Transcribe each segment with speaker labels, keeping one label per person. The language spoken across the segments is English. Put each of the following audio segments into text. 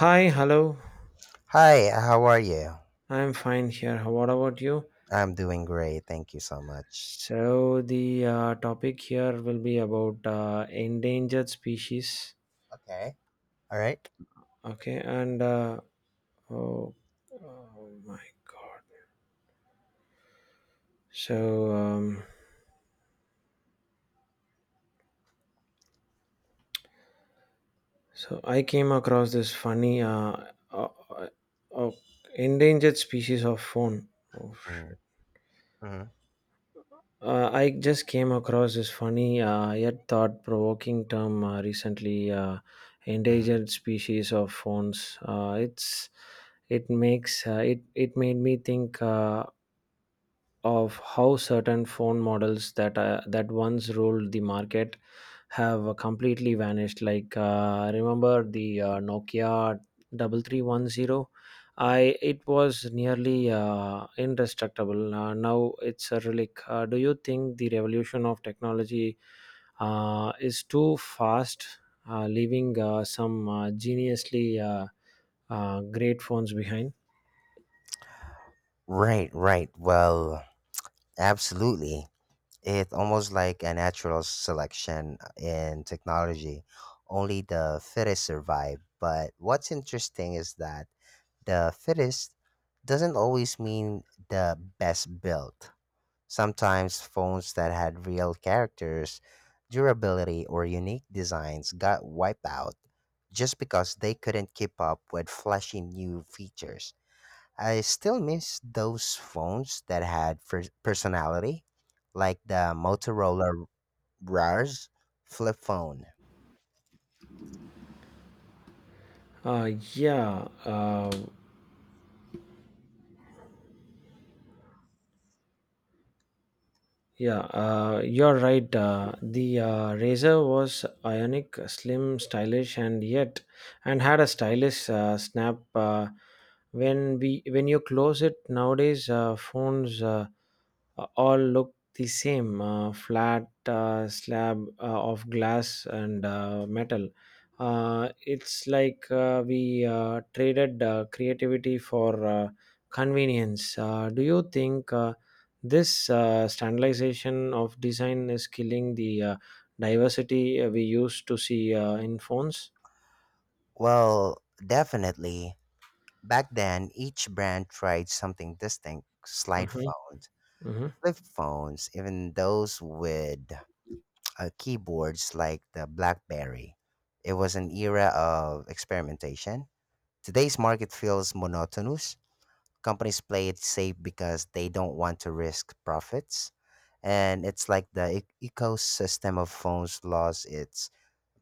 Speaker 1: Hi, hello.
Speaker 2: Hi, how are you?
Speaker 1: I'm fine here. What about you?
Speaker 2: I'm doing great. Thank you so much.
Speaker 1: So, the topic here will be about endangered species.
Speaker 2: Okay. All right.
Speaker 1: Okay, and oh my. So, so I came across this funny uh, uh, uh, endangered species of phone. Oh,
Speaker 2: Mm-hmm.
Speaker 1: shit. I just came across this funny yet thought-provoking term recently:
Speaker 2: Hmm.
Speaker 1: endangered species of phones. It's it makes it it made me think of how certain phone models that once ruled the market have completely vanished. Like, remember the Nokia 3310. I it was nearly indestructible. Now it's a relic. Do you think the revolution of technology is too fast, leaving some geniusly great phones behind?
Speaker 2: Right, right. Well, absolutely. It's almost like a natural selection in technology. Only the fittest survive. But what's interesting is that the fittest doesn't always mean the best built. Sometimes phones that had real characters, durability, or unique designs got wiped out just because they couldn't keep up with flashy new features. I still miss those phones that had personality, like the Motorola RAR's flip phone.
Speaker 1: Uh, yeah, uh, Yeah, you're right. The Razor was ionic, slim, stylish, and yet, and had a stylish snap. When you close it nowadays, phones all look the same: flat slab of glass and metal. It's like we traded creativity for convenience. Do you think? This standardization of design is killing the diversity we used to see in phones.
Speaker 2: Well, definitely. Back then, each brand tried something distinct. Slide
Speaker 1: Mhm,
Speaker 2: phones,
Speaker 1: mhm.
Speaker 2: flip phones, even those with keyboards like the BlackBerry. It was an era of experimentation. Today's market feels monotonous. Companies play it safe because they don't want to risk profits. And it's like the ecosystem of phones lost its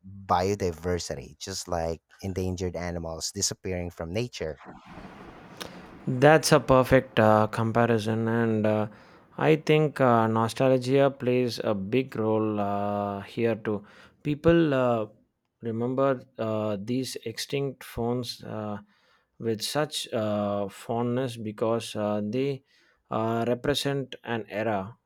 Speaker 2: biodiversity, just like endangered animals disappearing from nature.
Speaker 1: That's a perfect comparison, and I think nostalgia plays a big role here too. People remember these extinct phones with such fondness because they represent an era,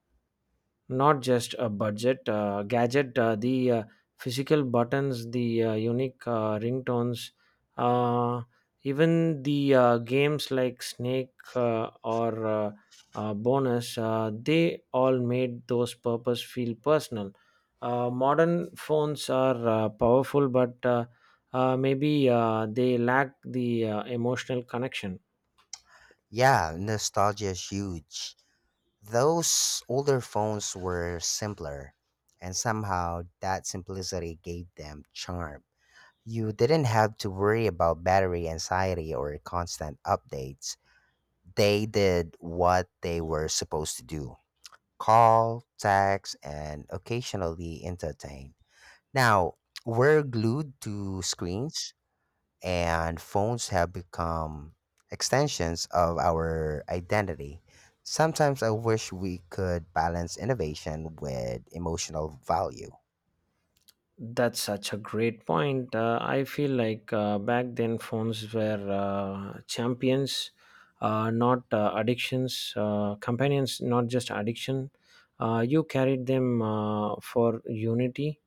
Speaker 1: not just a budget gadget. The physical buttons, the unique ringtones, uh, even the games like snake or bonus, they all made those purpose feel personal. Modern phones are powerful but maybe they lack the emotional connection.
Speaker 2: Yeah, nostalgia is huge. Those older phones were simpler, and somehow that simplicity gave them charm. You didn't have to worry about battery anxiety or constant updates. They did what they were supposed to do: call, text, and occasionally entertain. Now, we're glued to screens, and phones have become extensions of our identity. Sometimes I wish we could balance innovation with emotional value.
Speaker 1: That's such a great point. I feel like back then phones were champions, not addictions, companions, not just addiction. You carried them for unity,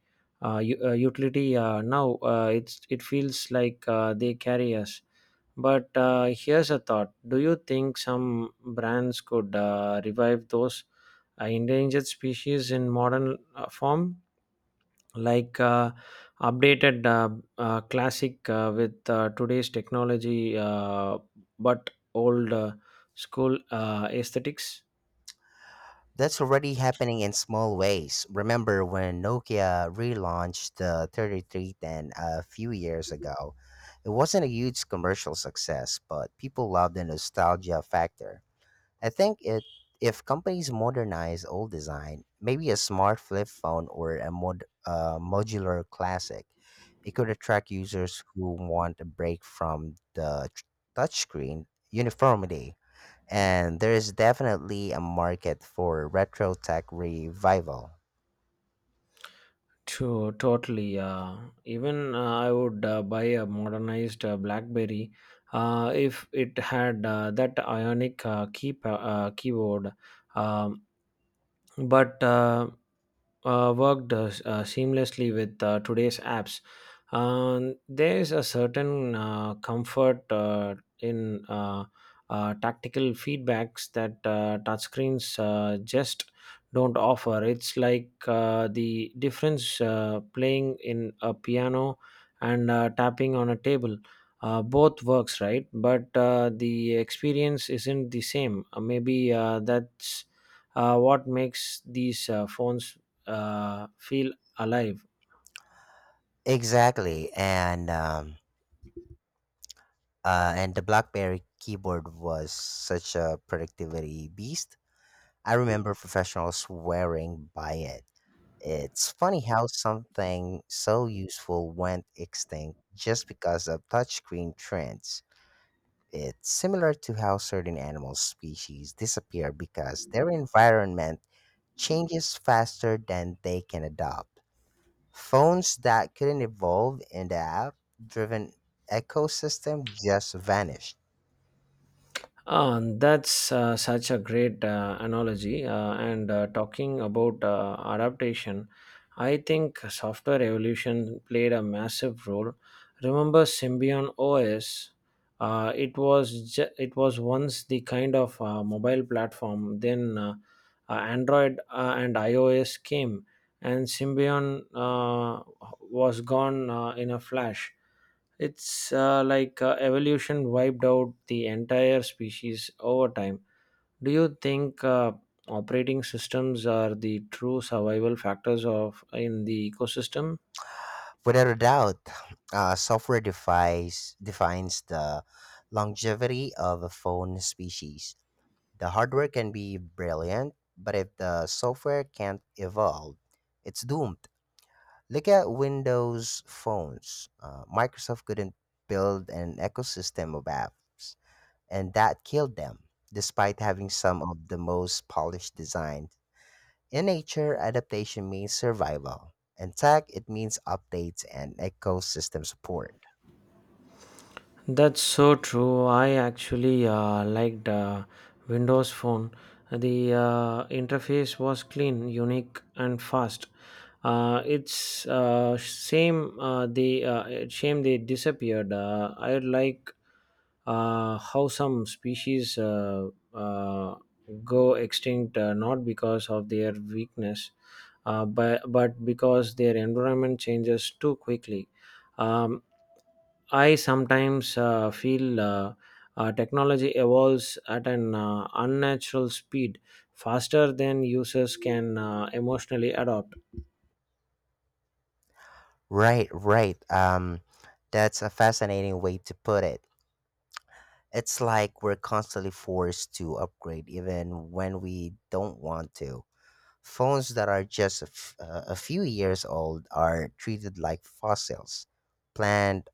Speaker 1: utility. Now it feels like they carry us. But here's a thought: do you think some brands could revive those endangered species in modern form? Like updated classic with today's technology, but old school aesthetics.
Speaker 2: That's already happening in small ways. Remember when Nokia relaunched the 3310 a few years ago? It wasn't a huge commercial success, but people love the nostalgia factor. I think it if companies modernize old design, maybe a smart flip phone or a modular classic, it could attract users who want a break from the touchscreen uniformity. And there is definitely a market for retro tech revival.
Speaker 1: To totally, even I would buy a modernized blackberry if it had that ionic keyboard, um, but worked seamlessly with today's apps. There's a certain comfort in tactical feedbacks that touchscreens just don't offer. It's like the difference playing in a piano and tapping on a table. Both works, right? But the experience isn't the same. Maybe that's what makes these phones feel alive.
Speaker 2: Exactly. And the BlackBerry keyboard was such a productivity beast. I remember professionals swearing by it. It's funny how something so useful went extinct just because of touchscreen trends. It's similar to how certain animal species disappear because their environment changes faster than they can adapt. Phones that couldn't evolve in the app driven ecosystem just vanished.
Speaker 1: Ah, that's such a great analogy. And talking about adaptation, I think software evolution played a massive role. Remember Symbian OS? It was once the kind of mobile platform. Then Android and iOS came, and Symbian was gone in a flash. It's like evolution wiped out the entire species over time. Do you think operating systems are the true survival factors of in the ecosystem?
Speaker 2: Without a doubt, software device defines the longevity of a phone species. The hardware can be brilliant, but if the software can't evolve, it's doomed. Look at Windows phones. Microsoft couldn't build an ecosystem of apps, and that killed them, despite having some of the most polished designs. In nature, adaptation means survival. In tech, it means updates and ecosystem support.
Speaker 1: That's so true. I actually liked Windows Phone. The interface was clean, unique, and fast. It's shame they disappeared. I like how some species uh, go extinct not because of their weakness, but because their environment changes too quickly. Um, I sometimes feel technology evolves at an unnatural speed, faster than users can emotionally adopt.
Speaker 2: Right, right. That's a fascinating way to put it. It's like we're constantly forced to upgrade even when we don't want to. Phones that are just a few years old are treated like fossils. Planned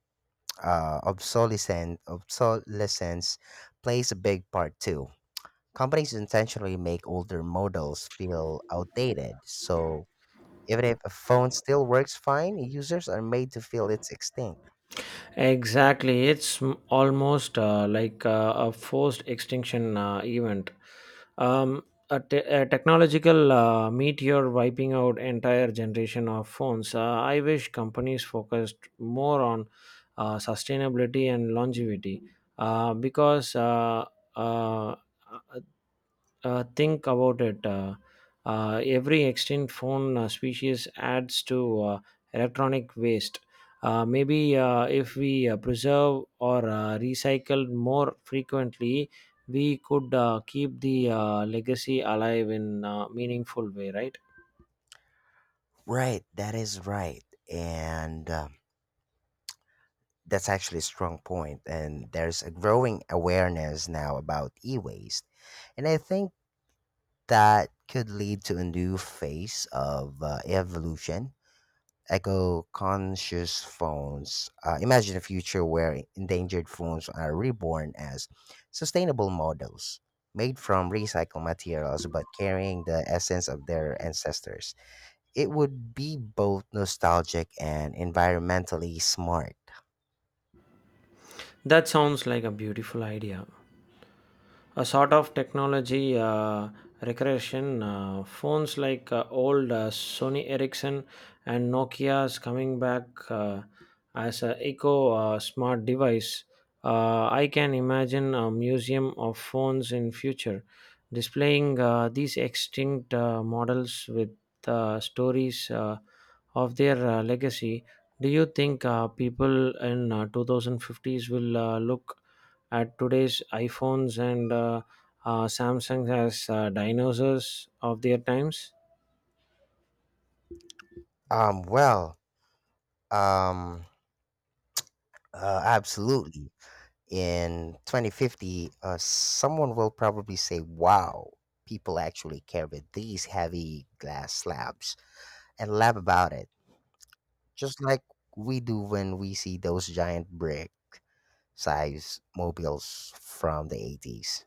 Speaker 2: obsolescence plays a big part too. Companies intentionally make older models feel outdated, so even if a phone still works fine, users are made to feel it's extinct.
Speaker 1: Exactly, almost like a forced extinction event. A technological meteor wiping out entire generation of phones. I wish companies focused more on sustainability and longevity because uh, think about it. Every extinct phone species adds to electronic waste. Maybe if we preserve or recycle more frequently, we could keep the legacy alive in a meaningful way, right?
Speaker 2: Right, that is right. And that's actually a strong point, and there's a growing awareness now about e waste. And I think that could lead to a new phase of evolution. Eco conscious phones. Imagine a future where endangered phones are reborn as sustainable models made from recycled materials but carrying the essence of their ancestors. It would be both nostalgic and environmentally smart.
Speaker 1: That sounds like a beautiful idea, a sort of technology recreation. Phones like old Sony Ericsson and Nokia's coming back as a eco smart device. I can imagine a museum of phones in future, displaying these extinct models with stories of their legacy. Do you think people in 2050s will look at today's iPhones and Samsung as dinosaurs of their times.
Speaker 2: Um, well, um, absolutely. In 2050, someone will probably say, wow, people actually carried these heavy glass slabs and laugh about it, just like we do when we see those giant brick size mobiles from the 80s.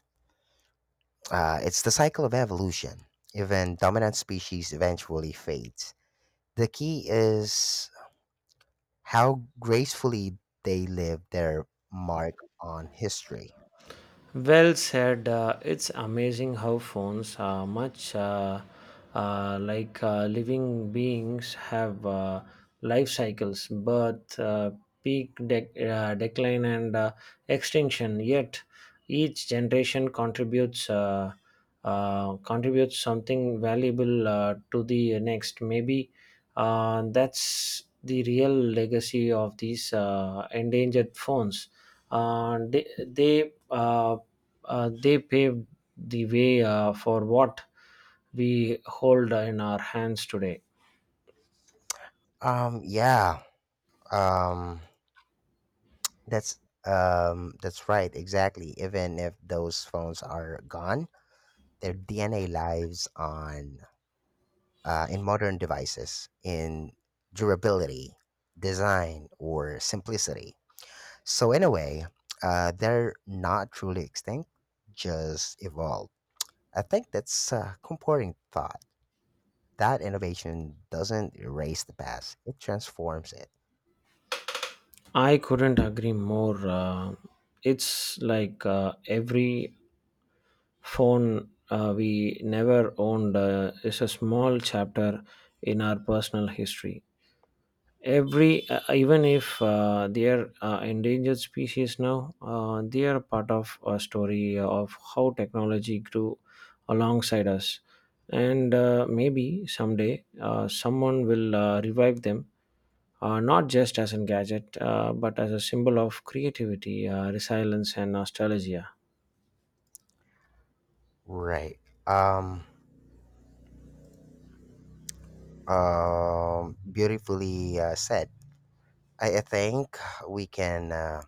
Speaker 2: It's the cycle of evolution. Even dominant species eventually fades. The key is how gracefully they leave their mark on history.
Speaker 1: Well said. It's amazing how phones, much like living beings, have life cycles, birth, peak, decline, and extinction. Yet each generation contributes. Contribute something valuable to the next. Maybe that's the real legacy of these endangered phones. Uh, they they, uh, they paved the way for what we hold in our hands today.
Speaker 2: Yeah. Um, That's that's right, exactly. Even if those phones are gone, their DNA lives on in modern devices in durability, design, or simplicity. So in a way, they're not truly extinct, just evolved. I think that's a comforting thought. That innovation doesn't erase the past, it transforms it.
Speaker 1: I couldn't agree more. It's like every phone we never owned is a small chapter in our personal history. Every Even if they are endangered species now, they are part of a story of how technology grew alongside us, and maybe someday someone will revive them. Not just as a gadget, but as a symbol of creativity, resilience, and nostalgia.
Speaker 2: Right. Um, beautifully said. I think we can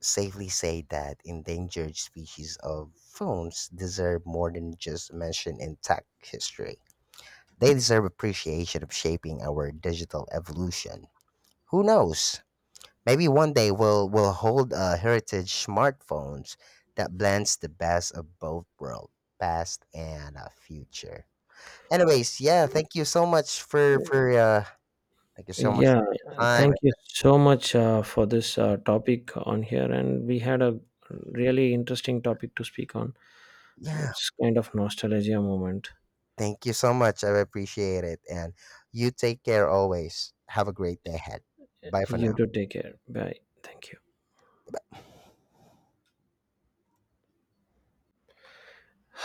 Speaker 2: safely say that endangered species of phones deserve more than just mention in tech history. They deserve appreciation of shaping our digital evolution. Who knows? Maybe one day we'll hold a heritage smartphones that blends the best of both worlds, past and future. Anyways, yeah, thank you so much for
Speaker 1: Yeah,
Speaker 2: your time.
Speaker 1: thank you so much for this topic on here. And we had a really interesting topic to speak on.
Speaker 2: Yeah,
Speaker 1: It's kind of nostalgia moment.
Speaker 2: thank you so much. I appreciate it. And you take care always. Have a great day ahead. Bye for
Speaker 1: You
Speaker 2: now.
Speaker 1: do take care. Bye. Thank you.
Speaker 2: Bye.